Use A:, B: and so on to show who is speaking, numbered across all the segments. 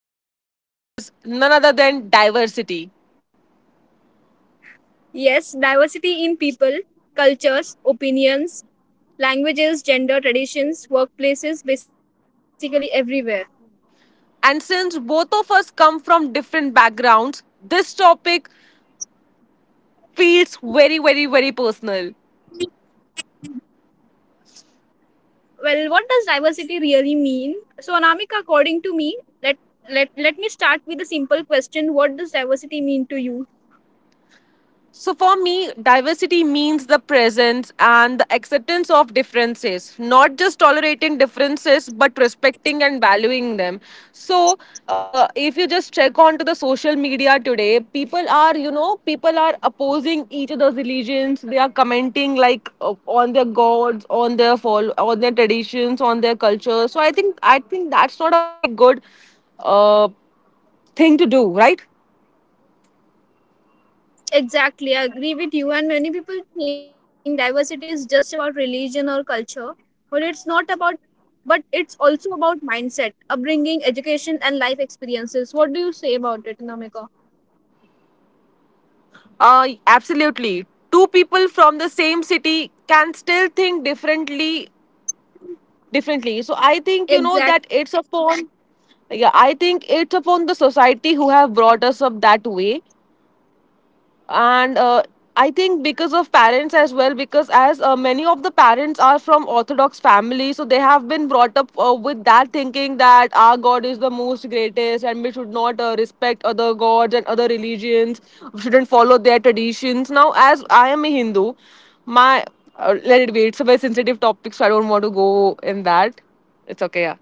A: unknowingly, which is none other than diversity.
B: Yes, diversity in people, cultures, opinions, languages, gender, traditions, workplaces, basically everywhere.
A: And since both of us come from different backgrounds, this topic feels very, very, very personal.
B: Well, what does diversity really mean? So, Anamika, according to me, let let me start with a simple question. What does diversity mean to you?
A: So, for me, diversity means the presence and the acceptance of differences, not just tolerating differences, but respecting and valuing them. So, if you just check onto the social media today, people are, you know, people are opposing each other's religions. They are commenting like on their gods, on their fall, on their traditions, on their culture. So, I think that's not a very good uh, thing to do, right?
B: Exactly, I agree with you. And many people think diversity is just about religion or culture, but it's not about, but it's also about mindset, upbringing, education, and life experiences. What do you say about it, Namika?
A: Absolutely. Two people from the same city can still think differently. Differently. So I think you know that it's
B: Exactly.
A: upon. Yeah, I think it's upon the society who have brought us up that way, and I think because of parents as well, because as many of the parents are from orthodox families, so they have been brought up with that thinking that our god is the most greatest, and we should not respect other gods and other religions. We shouldn't follow their traditions. Now, as I am a Hindu, my let it be, it's a very sensitive topic, so I don't want to go in that. It's okay, yeah.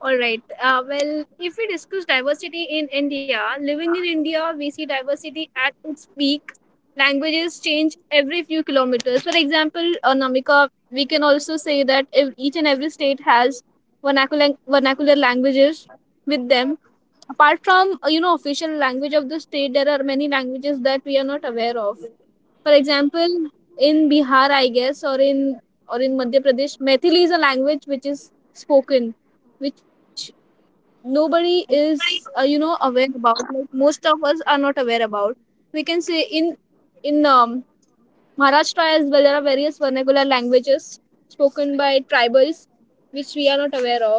B: All right. Well, if we discuss diversity in India, living in India, we see diversity at its peak. Languages change every few kilometers. For example, Namika, we can also say that each and every state has vernacular languages with them. Apart from you know, official language of the state, there are many languages that we are not aware of. For example, in Bihar, I guess, or in Madhya Pradesh, Methili is a language which is spoken, which nobody is you know aware about, like most of us are not aware about. We can say in in Maharashtra as well, there are various languages spoken by tribals which we are not aware of.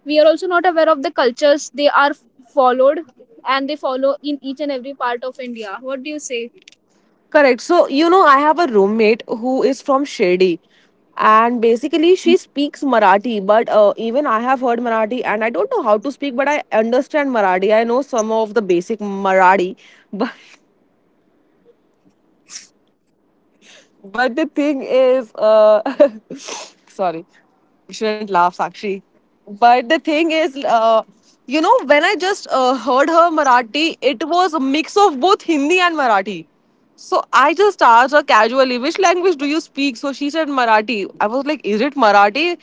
B: We are also not aware of the cultures they are followed, and they follow in each and every part of India. What do you say?
A: Correct. So, you know, I have a roommate who is from Shirdi. And basically, she speaks Marathi, but even I have heard Marathi and I don't know how to speak, but I understand Marathi. I know some of the basic Marathi, but But the thing is, uh, sorry, you shouldn't laugh, Sakshi. But the thing is, you know, when I just heard her Marathi, it was a mix of both Hindi and Marathi. So I just asked her casually, which language do you speak? So she said Marathi. I was like, is it Marathi?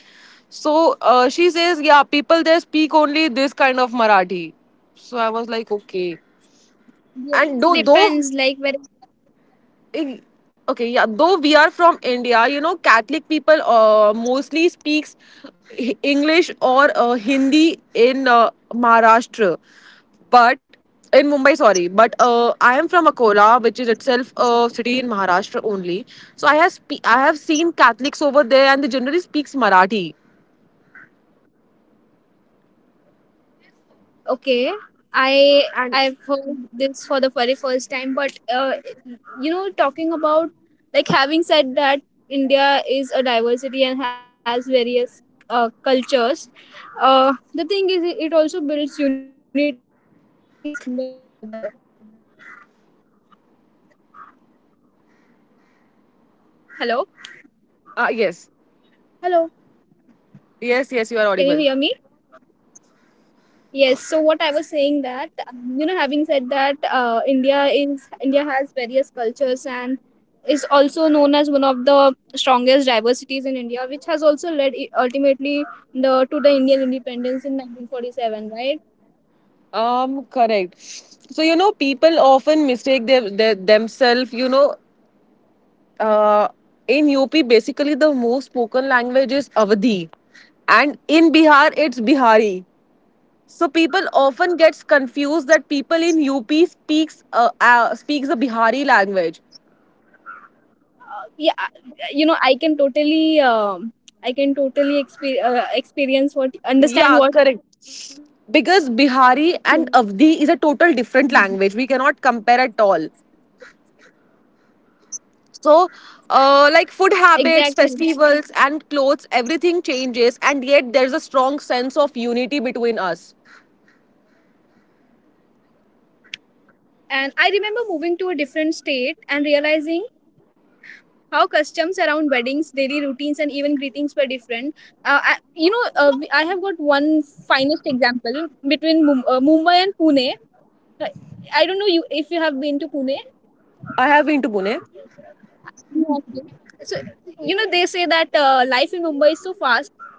A: So she says, yeah, people there speak only this kind of Marathi. So I was like, okay.
B: Yeah, it depends
A: And though,
B: like where.
A: though I- okay, yeah, though we are from India, you know, Catholic people mostly speaks English or Hindi in Maharashtra. But in Mumbai, sorry, but I am from Akola, which is itself a city in Maharashtra only. So I have seen Catholics over there and they generally speaks Marathi.
B: Okay, I
A: And
B: I've heard this for the very first time, but you know, talking about, like, having said that, India is a diversity and has various cultures. The thing is, it also builds unity somewhere or the other. Hello, hello.
A: yes,
B: Can you hear me?
A: yes, yes, you are audible.
B: Yes. So what I was saying, that you know, having said that, India has various cultures and is also known as one of the strongest diversities in India, which has also led ultimately the to the Indian independence in 1947, right?
A: Correct. So, you know, people often mistake their themselves. Uh, in UP, basically the most spoken language is Awadhi, and in Bihar it's Bihari. So people often gets confused that people in UP speaks speaks a Bihari language.
B: Yeah, you know, I can totally exper- experience what understand
A: Yeah,
B: what you're saying.
A: correct. Because Bihari and Avdi is a total different language. We cannot compare at all. So,
B: Exactly.
A: like food habits, festivals, and clothes, everything changes, and yet there's a strong sense of unity between us.
B: And I remember moving to a different state and realizing how customs around weddings, daily routines, and even greetings were different. I, you know, we- I have got one finest example between Mumbai and Pune. Uh, I don't know you if you have been to Pune.
A: I have been to Pune.
B: You have been. So you know they say that life in Mumbai is so fast,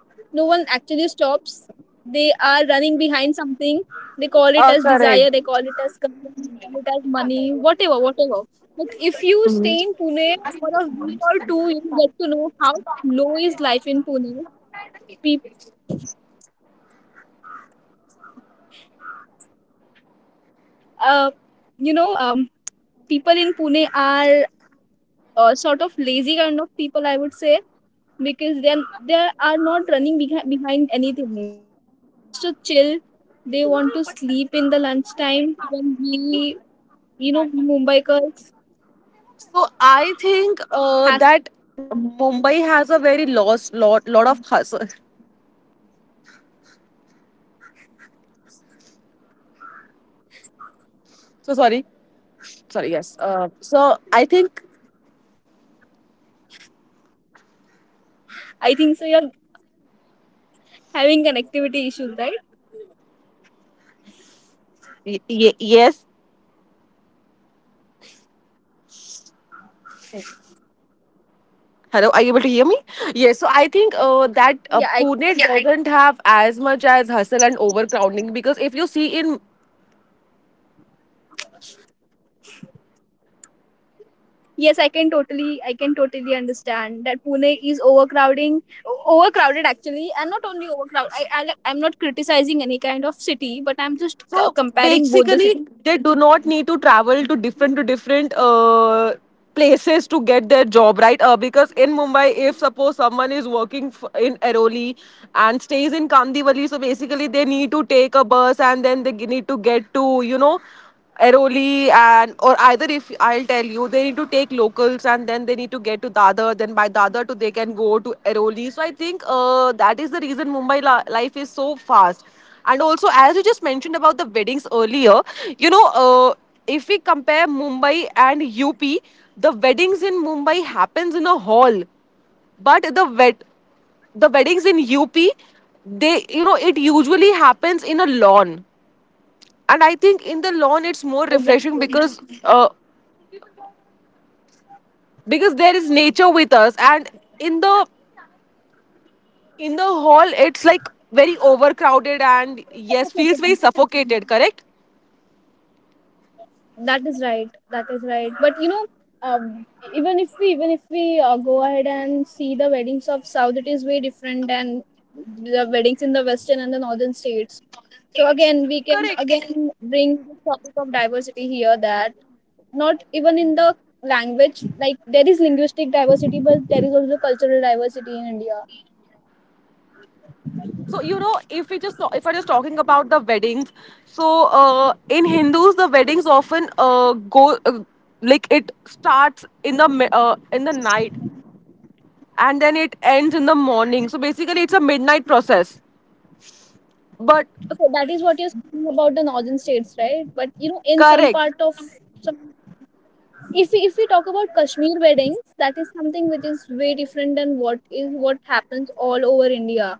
B: no one actually stops, they are running behind something. They call it as desire, they
A: Correct.
B: call it as career, they call it as money, whatever whatever. But if you stay in Pune for a week or two, you will get to know how low is life in Pune. People, uh, you know people in Pune are sort of lazy kind of people, I would say, because they are not running behind anything. They are just to chill. They want in the lunchtime when we. You know, Mumbaikars
A: So I think
B: hassle.
A: that Mumbai has a very lost lot lot of hustle. So sorry, sorry. Yes. So I think
B: I think so you're having connectivity issues, right?
A: yes. Hello, are you able to hear me? Yes. So I think that
B: Yeah, I
A: Pune, yeah, doesn't have as much as hustle and overcrowding, because if you see in...
B: yes, I can totally, I can totally understand that Pune is overcrowding, overcrowded actually. And not only overcrowded, I I'm not criticizing any kind of city, but I'm just
A: So
B: comparing both the
A: basically, they
B: cities
A: do not need to travel to different places to get their job right. Because in Mumbai, if suppose someone is working in Airoli and stays in Kandivali, so basically they need to take a bus and then need to get to, you know, Airoli. And or either, if I'll tell you, they need to take locals and then they need to get to Dadar, then by Dadar to they can go to Airoli. So I think that is the reason Mumbai life is so fast. And also, as you just mentioned about the weddings earlier, you know, if we compare Mumbai and UP, the weddings in Mumbai happens in a hall, but the weddings in UP, they, you know, it usually happens in a lawn. And I think in the lawn it's more
B: exactly.
A: refreshing, because there is nature with us, and in the in the hall it's like very overcrowded, and yes, feels very suffocated. Correct.
B: That is right, that is right, but you know, um, even if we, even if we go ahead and see the weddings of south, it is way different than the weddings in the western and the northern states. So again we
A: Correct.
B: can again bring the topic of diversity here, that not even in the language, like there is linguistic diversity, but there is also cultural diversity in India.
A: So, you know, if we just if I just talking about the weddings, so in Hindus the weddings often go uh, like it starts in the in the night and then it ends in the morning, so basically it's a midnight process, but...
B: Okay, that is what you're speaking about the northern states, right? But you know, in some
A: Correct.
B: part of, if we talk about Kashmir weddings, that is something which is way different than what is what happens all over India.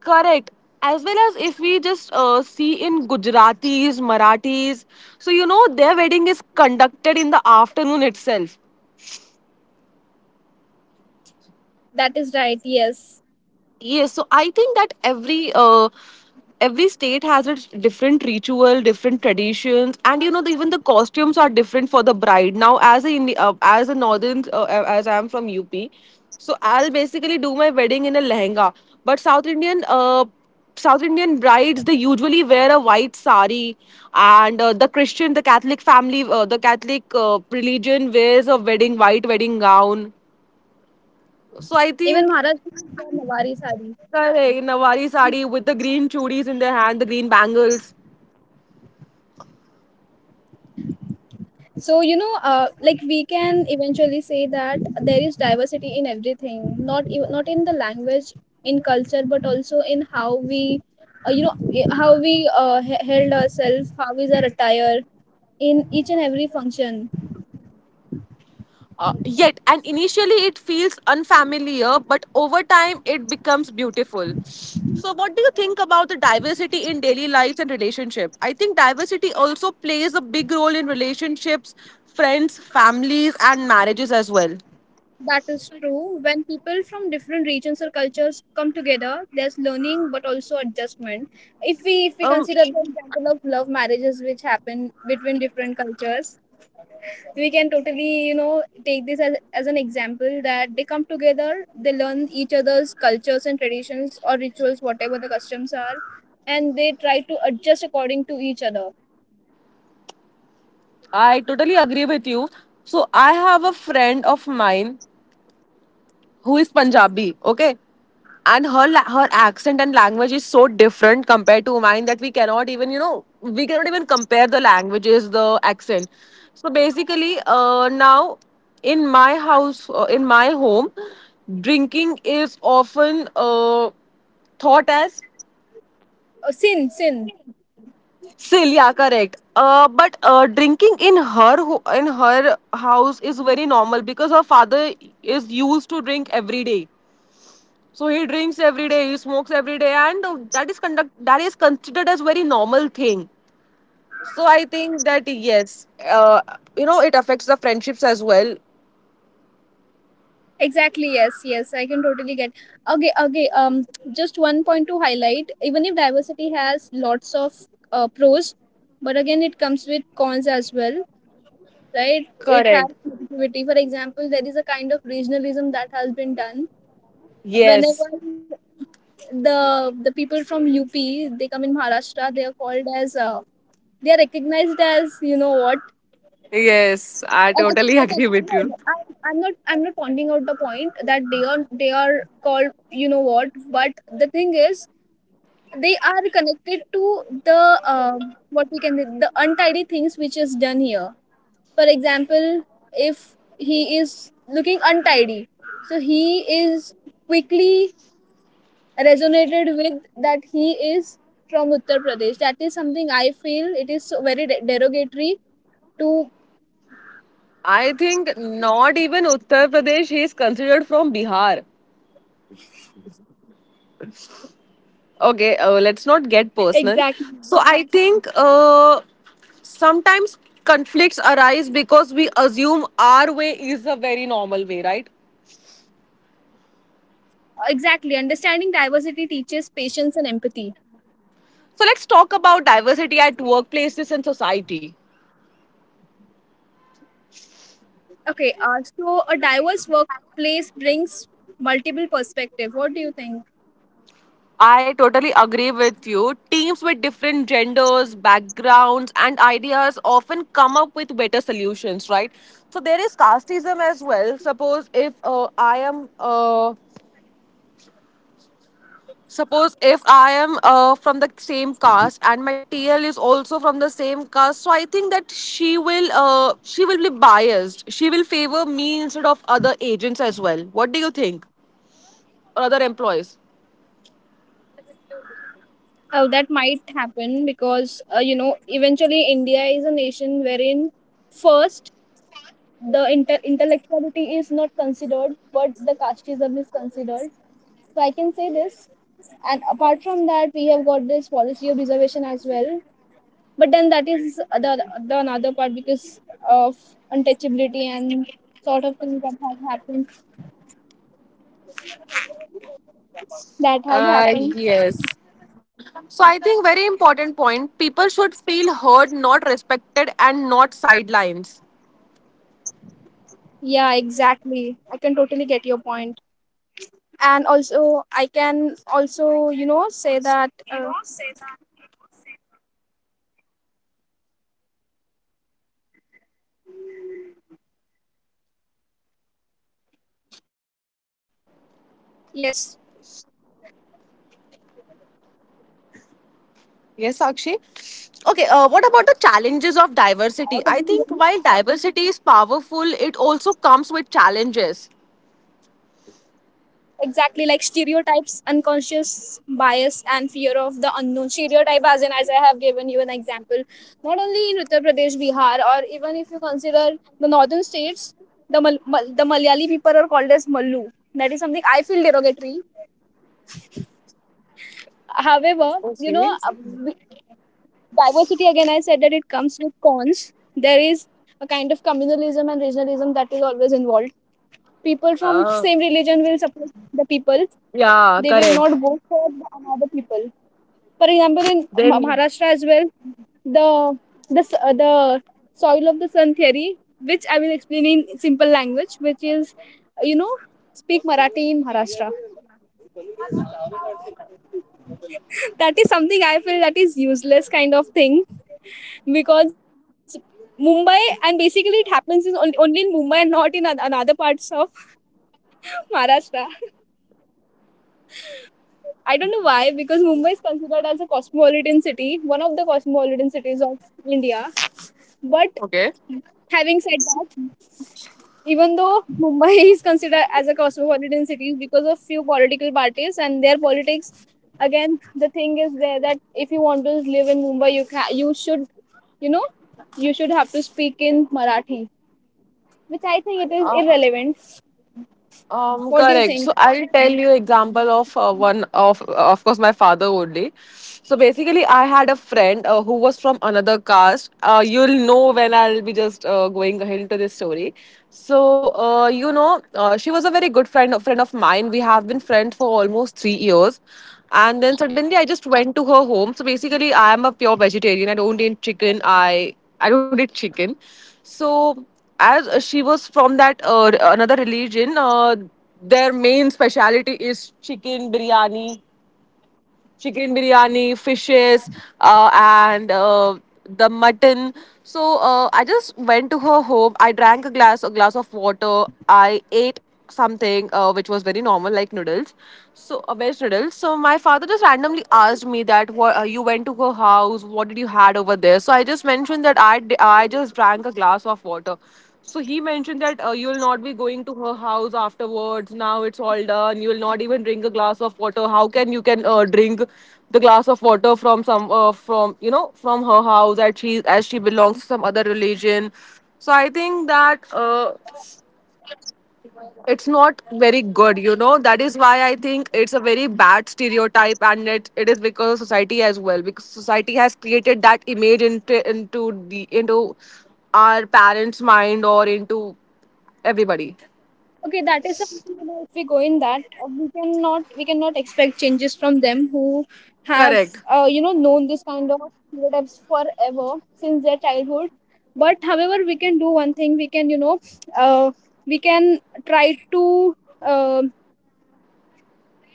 A: Correct. As well as if we just see in Gujaratis, Marathis, so, you know, their wedding is conducted in the afternoon itself.
B: That is right. Yes,
A: Yes, so I think that every state has its different ritual, different traditions, and you know the, even the costumes are different for the bride. Now, as a as a northern as I am from UP, so I'll basically do my wedding in a lehenga. But South Indian brides they usually wear a white sari, and the Christian, the Catholic family, the Catholic religion wears a wedding white wedding gown. So I
B: even
A: think.
B: Maharashtra is for Nawari sari.
A: Correct. Nawari sari with the green chudis in their hand, the green bangles.
B: So you know, like we can eventually say that there is diversity in everything, not not in the language, in culture, but also in how we, you know, how we held ourselves, how is our attire in each and every function.
A: Yet, and initially it feels unfamiliar, but over time it becomes beautiful. So, what do you think about the diversity in daily lives and relationship? I think diversity also plays a big role in relationships, friends, families, and marriages as well.
B: That is true. When people from different regions or cultures come together, there's learning but also adjustment. If we
A: Um,
B: consider the example of love marriages which happen between different cultures, we can totally, you know, take this as an example that they come together, they learn each other's cultures and traditions or rituals, whatever the customs are, and they try to adjust according to each other.
A: I totally agree with you. So I have a friend of mine who is Punjabi, okay? And her accent and language is so different compared to mine that we cannot even compare the languages, the accent. So basically, now in my house, in my home, drinking is often thought as...
B: Or sin, sin.
A: still, yeah, correct. Uh, but drinking in in her house is very normal because her father is used to drink every day. So he drinks every day, he smokes every day, and that is conduct that is considered as very normal thing. So I think that yes, you know, it affects the friendships as well.
B: Exactly, yes, yes, I can totally get. Okay, okay, just one point to highlight, even if diversity has lots of pros, but again, it comes with cons as well, right? It has
A: Correct.
B: negativity. For example, there is a kind of regionalism that has been done.
A: Yes.
B: Whenever the people from UP they come in Maharashtra, they are called as they are recognized as, you know what.
A: Yes, I
B: And again,
A: totally
B: again,
A: agree with
B: no,
A: you.
B: no, I'm not pointing out the point that they are called, you know what. But the thing is, they are connected to the, what we can, the untidy things which is done here. For example, if he is looking untidy, so he is quickly resonated with that he is from Uttar Pradesh. That is something I feel it is so very derogatory to
A: I think not even Uttar Pradesh, he is considered from Bihar. Okay,
B: exactly.
A: let's not get personal. So I think sometimes conflicts arise because we assume our way is a very normal way, right?
B: Exactly. Understanding diversity teaches patience and empathy.
A: So let's talk about diversity at workplaces and society.
B: Okay, so a diverse workplace brings multiple perspective. What do you think?
A: I totally agree with you. Teams with different genders, backgrounds, and ideas often come up with better solutions, right? So there is casteism as well. Suppose if I am from the same caste and my TL is also from the same caste, so I think that she will be biased. She will favor me instead of other agents as well. What do you think? Or other employees?
B: Oh, that might happen because you know eventually India is a nation wherein first the intellectuality is not considered, but the casteism is considered. So I can say this. And apart from that, we have got this policy of reservation as well, but then that is the another part because of untouchability and sort of things that had happened that had happened.
A: Yes. So I think very important point. People should feel heard, not respected, and not sidelines.
B: Yeah, exactly, I can totally get your point. And also I can also, you know, say that yes,
A: Yes, Sakshi. Okay, what about the challenges of diversity? I think while diversity is powerful, it also comes with challenges.
B: exactly, like stereotypes, unconscious bias, and fear of the unknown stereotype. As in, as I have given you an example, not only in Uttar Pradesh, Bihar, or even if you consider the northern states, the the Malayali people are called as Mallu. That is something I feel derogatory. However, know, we- diversity, again I said that it comes with cons. There is a kind of communalism and regionalism that is always involved. People from
A: Uh,
B: same support the people. They
A: yeah,
B: will not
A: correct.
B: vote for the another people. For example, in
A: Then,
B: Maharashtra as well, the the soil of the sun theory, which I will explain in simple language, which is you know, speak Marathi in Maharashtra. That is something I feel that is useless kind of thing, because Mumbai, and basically it happens in only in Mumbai and not in another parts of Maharashtra. I don't know why, because Mumbai is considered as a cosmopolitan city, one of the cosmopolitan cities of India. But
A: okay.
B: having said that, even though Mumbai is considered as a cosmopolitan city, because of few political parties and their politics, again the thing is there, that if you want to live in Mumbai, you can, you should, you know, you should have to speak in Marathi, which I think it is irrelevant. What do you
A: Correct. So
B: think?
A: I'll tell you example of one of course my father only. So basically, I had a friend who was from another caste. You'll know when I'll be just going ahead into this story. So you know, she was a very good friend of mine. We have been friends for almost 3 years, and then suddenly I just went to her home. So basically, I am a pure vegetarian. I don't eat chicken. I don't eat chicken. So as she was from that another religion, their main specialty is chicken biryani, chicken biryani, fishes, and the mutton. So I just went to her home, I drank a glass of water, I ate something which was very normal, like noodles, so veg noodles. So my father just randomly asked me that what you went to her house, what did you had over there? So I just mentioned that I just drank a glass of water. So he mentioned that you'll not be going to her house afterwards. Now it's all done. You'll not even drink a glass of water. How can you can drink the glass of water from some from, you know, from her house, as she belongs to some other religion? So I think that it's not very good, you know, that is why I think it's a very bad stereotype, and it is because of society as well, because society has created that image into our parents mind or into everybody.
B: Okay, that is something, you know, if we go in that, we cannot, we cannot expect changes from them who have
A: Correct,
B: you know known this kind of stereotypes forever since their childhood. But however, we can do one thing. We can, you know, uh, we can try to um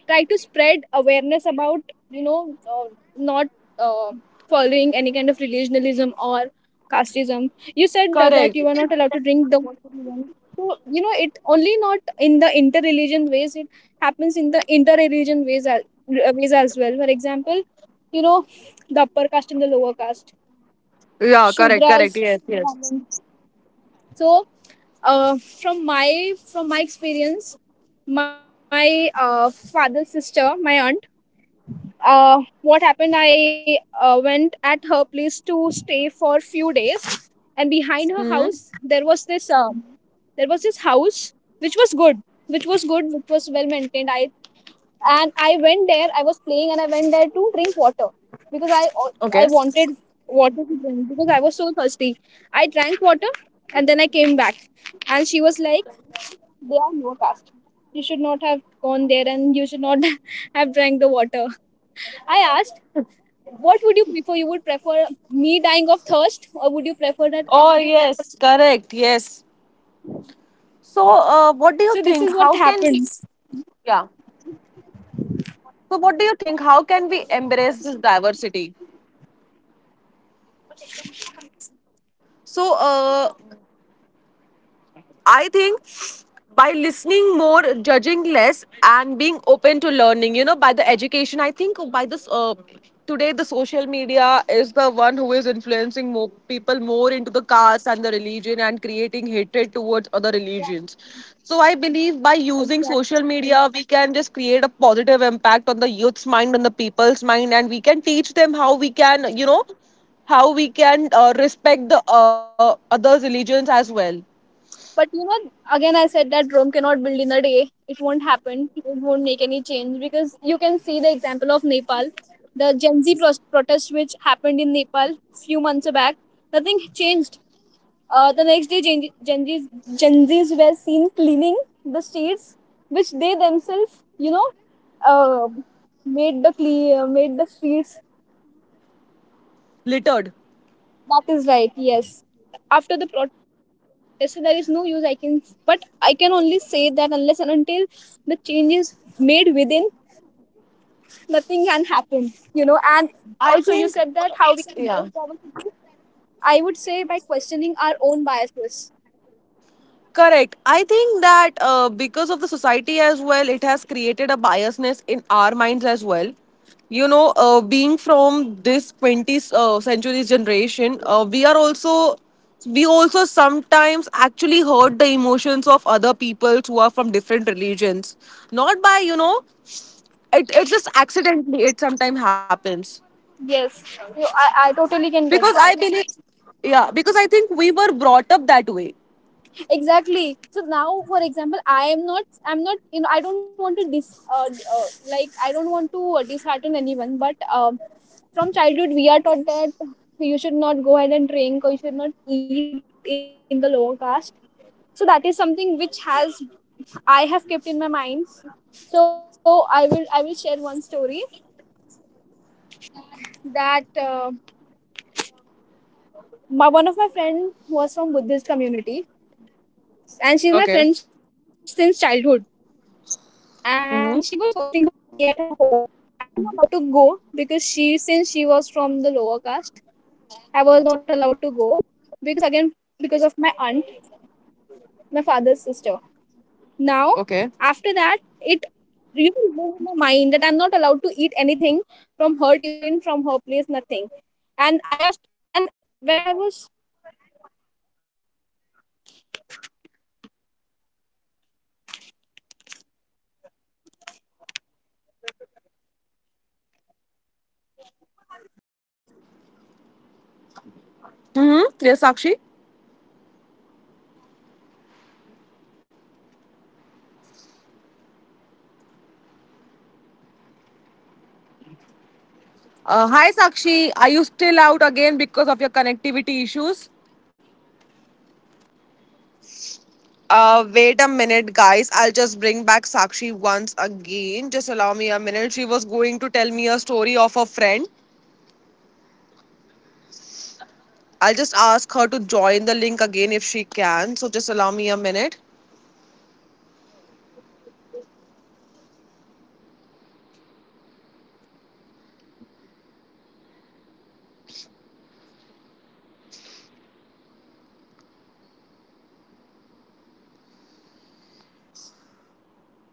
B: try to spread awareness about, you know, not uh, following any kind of religionism or casteism. You said that, that
A: correct,
B: you are not allowed to drink the water you want. So you know, it only not in the inter-religion ways, it in the inter-religion ways as well. For example, you know, the upper caste and the lower caste,
A: yeah, correct, correct,
B: shudras,
A: yes, yes.
B: Brahmins. So uh, from my, from my experience, my father's sister, my aunt, what happened, I went at her place to stay for few days. And behind her
A: Hmm.
B: house there was this house which was good, which was well maintained. I And I went there, I was playing, and I went there to drink water, because I
A: Okay.
B: wanted water to drink because I was so thirsty. I drank water and then I came back, and she like, they are lower caste, you should not have gone there and you should not have drank the water. I asked, what would you prefer? You would prefer me dying of thirst, or would you prefer that?
A: Oh yes, correct, yes.
B: So
A: so
B: this is what
A: what do you
B: happened.
A: think how can we Yeah, so what do you think, how can we embrace this diversity? so, uh, I think by listening more, judging less, and being open to learning, you know, by the education. I think by this today, the social media is the one who is influencing more people more into the caste and the religion and creating hatred towards other religions. So I believe by using
B: Exact-
A: social media, we can just create a positive impact on the youth's mind, on the people's mind, and we can teach them how we can, you know, how we can respect the other religions as well.
B: But you know, again, I said that Rome cannot build in a day. It won't happen. It won't make any change because you can see the example of Nepal, the Gen protest which happened in Nepal few months back. Nothing changed. The next day, Gen Zs were seen cleaning the streets, which they themselves, uh, made the streets.
A: Littered.
B: That is right. Yes. After the protest, so there is no use. But I can only say that unless and until the change is made within, nothing can happen. You know, and also you
A: I
B: said
A: think,
B: that how we can improve
A: yeah.
B: forward. I would say by questioning our own biases.
A: Correct. I think that because of the society as well, it has created a biasness in our minds as well. You know, being from this 20th century's generation, we also sometimes actually hurt the emotions of other people who are from different religions. Not by it's just accidentally, it sometimes happens
B: Yes, I totally can
A: because
B: get
A: I
B: that.
A: believe, yeah, because I think we were brought up that way.
B: Exactly, so now for example I am not I'm not you know I don't want to dis uh, uh, like I don't want to dishearten anyone, but from childhood we are taught that you should not go ahead and drink or you should not eat in the lower caste, so that is something which has I have kept in my mind. So I will share one story, that my, one of my friend was from Buddhist community, and she's my
A: Okay.
B: friend since childhood, and she was hosting a party at her home. I was not allowed to go because she, since she was from the lower caste, I was not allowed to go because again, because of my aunt, my father's sister. Now,
A: Okay.
B: after that, it really blew my mind that I'm not allowed to eat anything from her tiffin, from her place, nothing. And I asked, and when I was, and
A: Mm-hmm.
B: you know,
A: Yes,
B: when
A: Sakshi.
B: I was, I asked my parents that what happened, why I was, hello, hello.
A: Hi, Sakshi. Are
B: Hello?
A: you still out again because of your connectivity issues?
B: No, I'm there.
A: Wait a minute, guys. I'll just bring back Sakshi once again. Just allow me a minute. She was going to tell me a story of a friend. I'll just ask her to join the link again if she can. So just allow me a minute.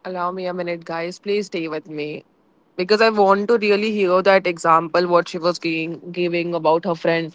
A: Allow me a minute, guys. Please stay with me. Because I want to really hear that example, what she was giving about her friend.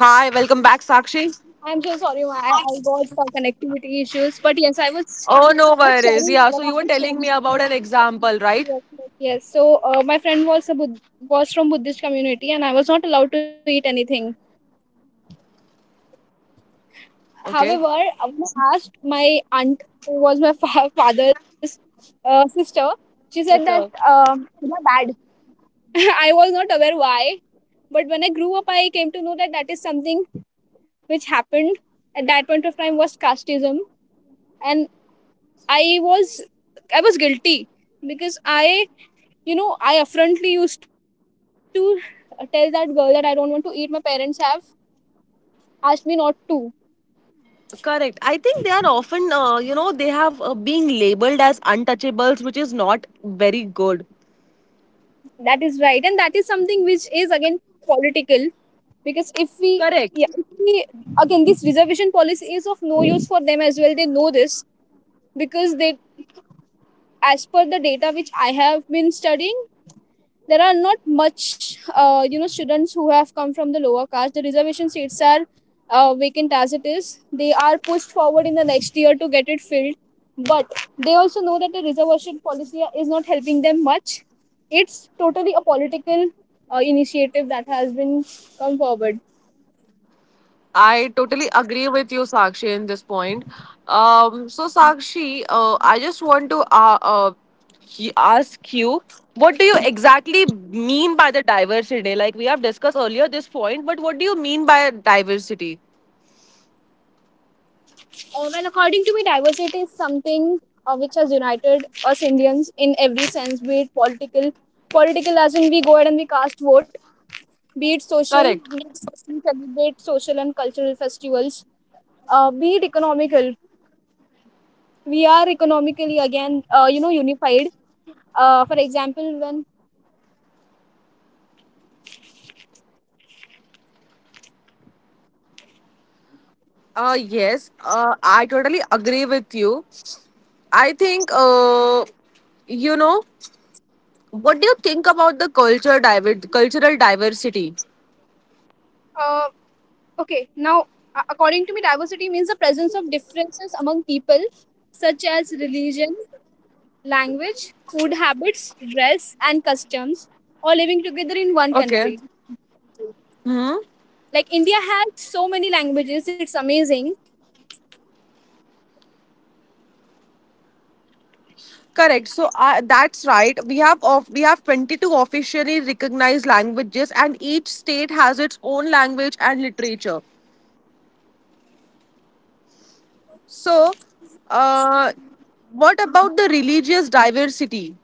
A: Hi, welcome back, Sakshi.
B: I'm so sorry, ma. I got some connectivity issues. But yes, I was
A: Oh, no
B: just
A: worries.
B: sharing
A: Yeah. So
B: one
A: you
B: of
A: were
B: the
A: telling
B: stories.
A: me about an example, right?
B: Yes, yes, yes. So my friend was from Buddhist community, and I was not allowed to eat anything.
A: Okay.
B: However, I was asked my aunt, who was my father's sister, she said that
A: It's a-
B: you're bad. I was not aware why, but when I grew up, I came to know that that is something which happened at that point of time was casteism, and I was I was guilty because I affrontly used to tell that girl that I don't want to eat. My parents have asked me not to.
A: Correct. I think they are often, you know, they have being labeled as untouchables, which is not very good.
B: That is right, and that is something which is again political because
A: Correct.
B: if we again, this reservation policy is of no use for them as well. They know this because as per the data which I have been studying, there are not much students who have come from the lower caste. The reservation seats are vacant. As it is, they are pushed forward in the next year to get it filled, but they also know that the reservation policy is not helping them much. It's totally a political initiative that has been come forward.
A: I totally agree with you, Sakshi, in this point. So, Sakshi, I just want to he- ask you, what do you exactly mean by the diversity? Like we have discussed earlier this point, but what do you mean by diversity?
B: Well, according to me, diversity is something which has united us Indians in every sense, be it political as in we go ahead and we cast vote, be it social,
A: Correct.
B: we celebrate social and cultural festivals, be it economical. We are economically again, unified. For example, when
A: Yes, I totally agree with you. I think, you know, what do you think about the culture diver- cultural diversity?
B: uh, okay, now according to me, diversity means the presence of differences among people, such as religion, language, food habits, dress, and customs, all living together in one
A: Okay.
B: country.
A: Hmm.
B: Like India has so many languages; it's amazing.
A: Correct. So that's right. We have 22 officially recognized languages, and each state has its own language and literature. So, uh, what about the religious diversity?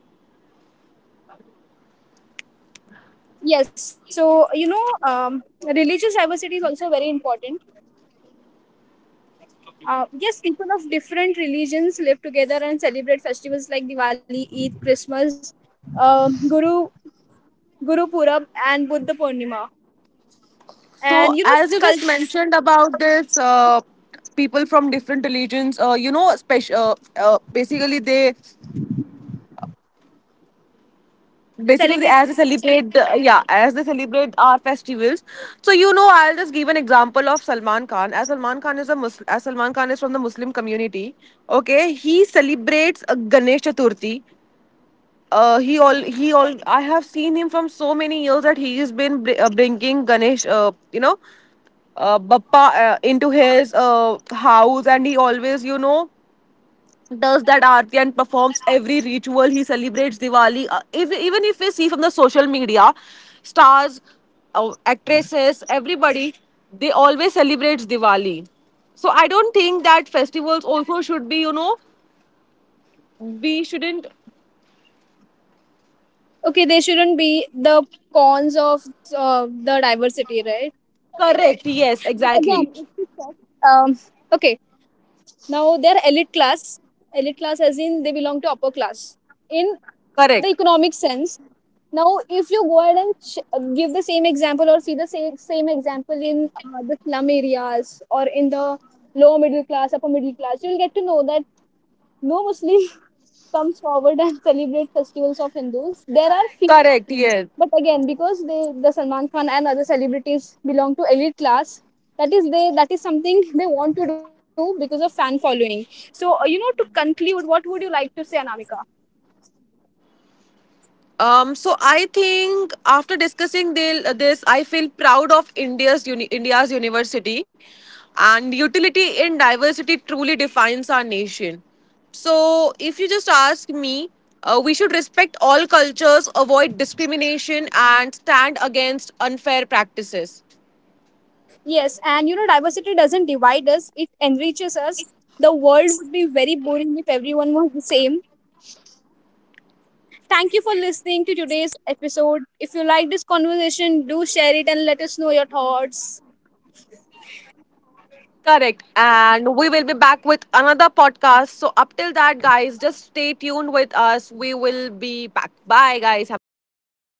B: Yes, so you know, religious diversity is also very important. Yes, people of different religions live together and celebrate festivals like Diwali, Eid, Christmas, uh, Guru Guru Purab, and Buddha Purnima. And you know,
A: So, as you
B: cult-
A: just mentioned about this, people from different religions, you know, special, basically they, basically
B: celebrate.
A: as they celebrate, the, yeah, as they celebrate our festivals. So, you know, I'll just give an example of Salman Khan. As Salman Khan is a Muslim, as Salman Khan is from the Muslim community. Okay, he celebrates a Ganesh Chaturthi. He all he all, I have seen him from so many years that he has been br- bringing Ganesh, you know, Bappa into his house, and he always, you know, does that aarti and performs every ritual. He celebrates Diwali. If, even if we see from the social media, stars, actresses, everybody, they always celebrate Diwali. So I don't think that festivals also should be, you know, we shouldn't.
B: Okay, they shouldn't be the cons of the diversity, right?
A: Correct. Yes,
B: But
A: exactly.
B: again, um, okay, now they're elite class. Elite class, as in they belong to upper class. In the
A: Correct.
B: economic sense. Now, if you go ahead and give the same example or see the same example in the slum areas or in the lower middle class, upper middle class, you'll get to know that no Muslim comes forward and celebrate festivals of Hindus. There are
A: Correct,
B: few,
A: yeah.
B: but again, because the Salman Khan and other celebrities belong to elite class, that is they that is something they want to do because of fan following. So, to conclude, what would you like to say, Anamika?
A: So I think after discussing this, I feel proud of India's uni- India's university, and utility in diversity truly defines our nation. So, if you just ask me, we should respect all cultures, avoid discrimination, and stand against unfair practices.
B: Yes, and you know, diversity doesn't divide us, it enriches us. The world would be very boring if everyone was the same. Thank you for listening to today's episode. If you like this conversation, do share it and let us know your thoughts.
A: Correct. And we will be back with another podcast. So, up till that, guys, just stay tuned with us. We will be back. Bye, guys. Have a great day.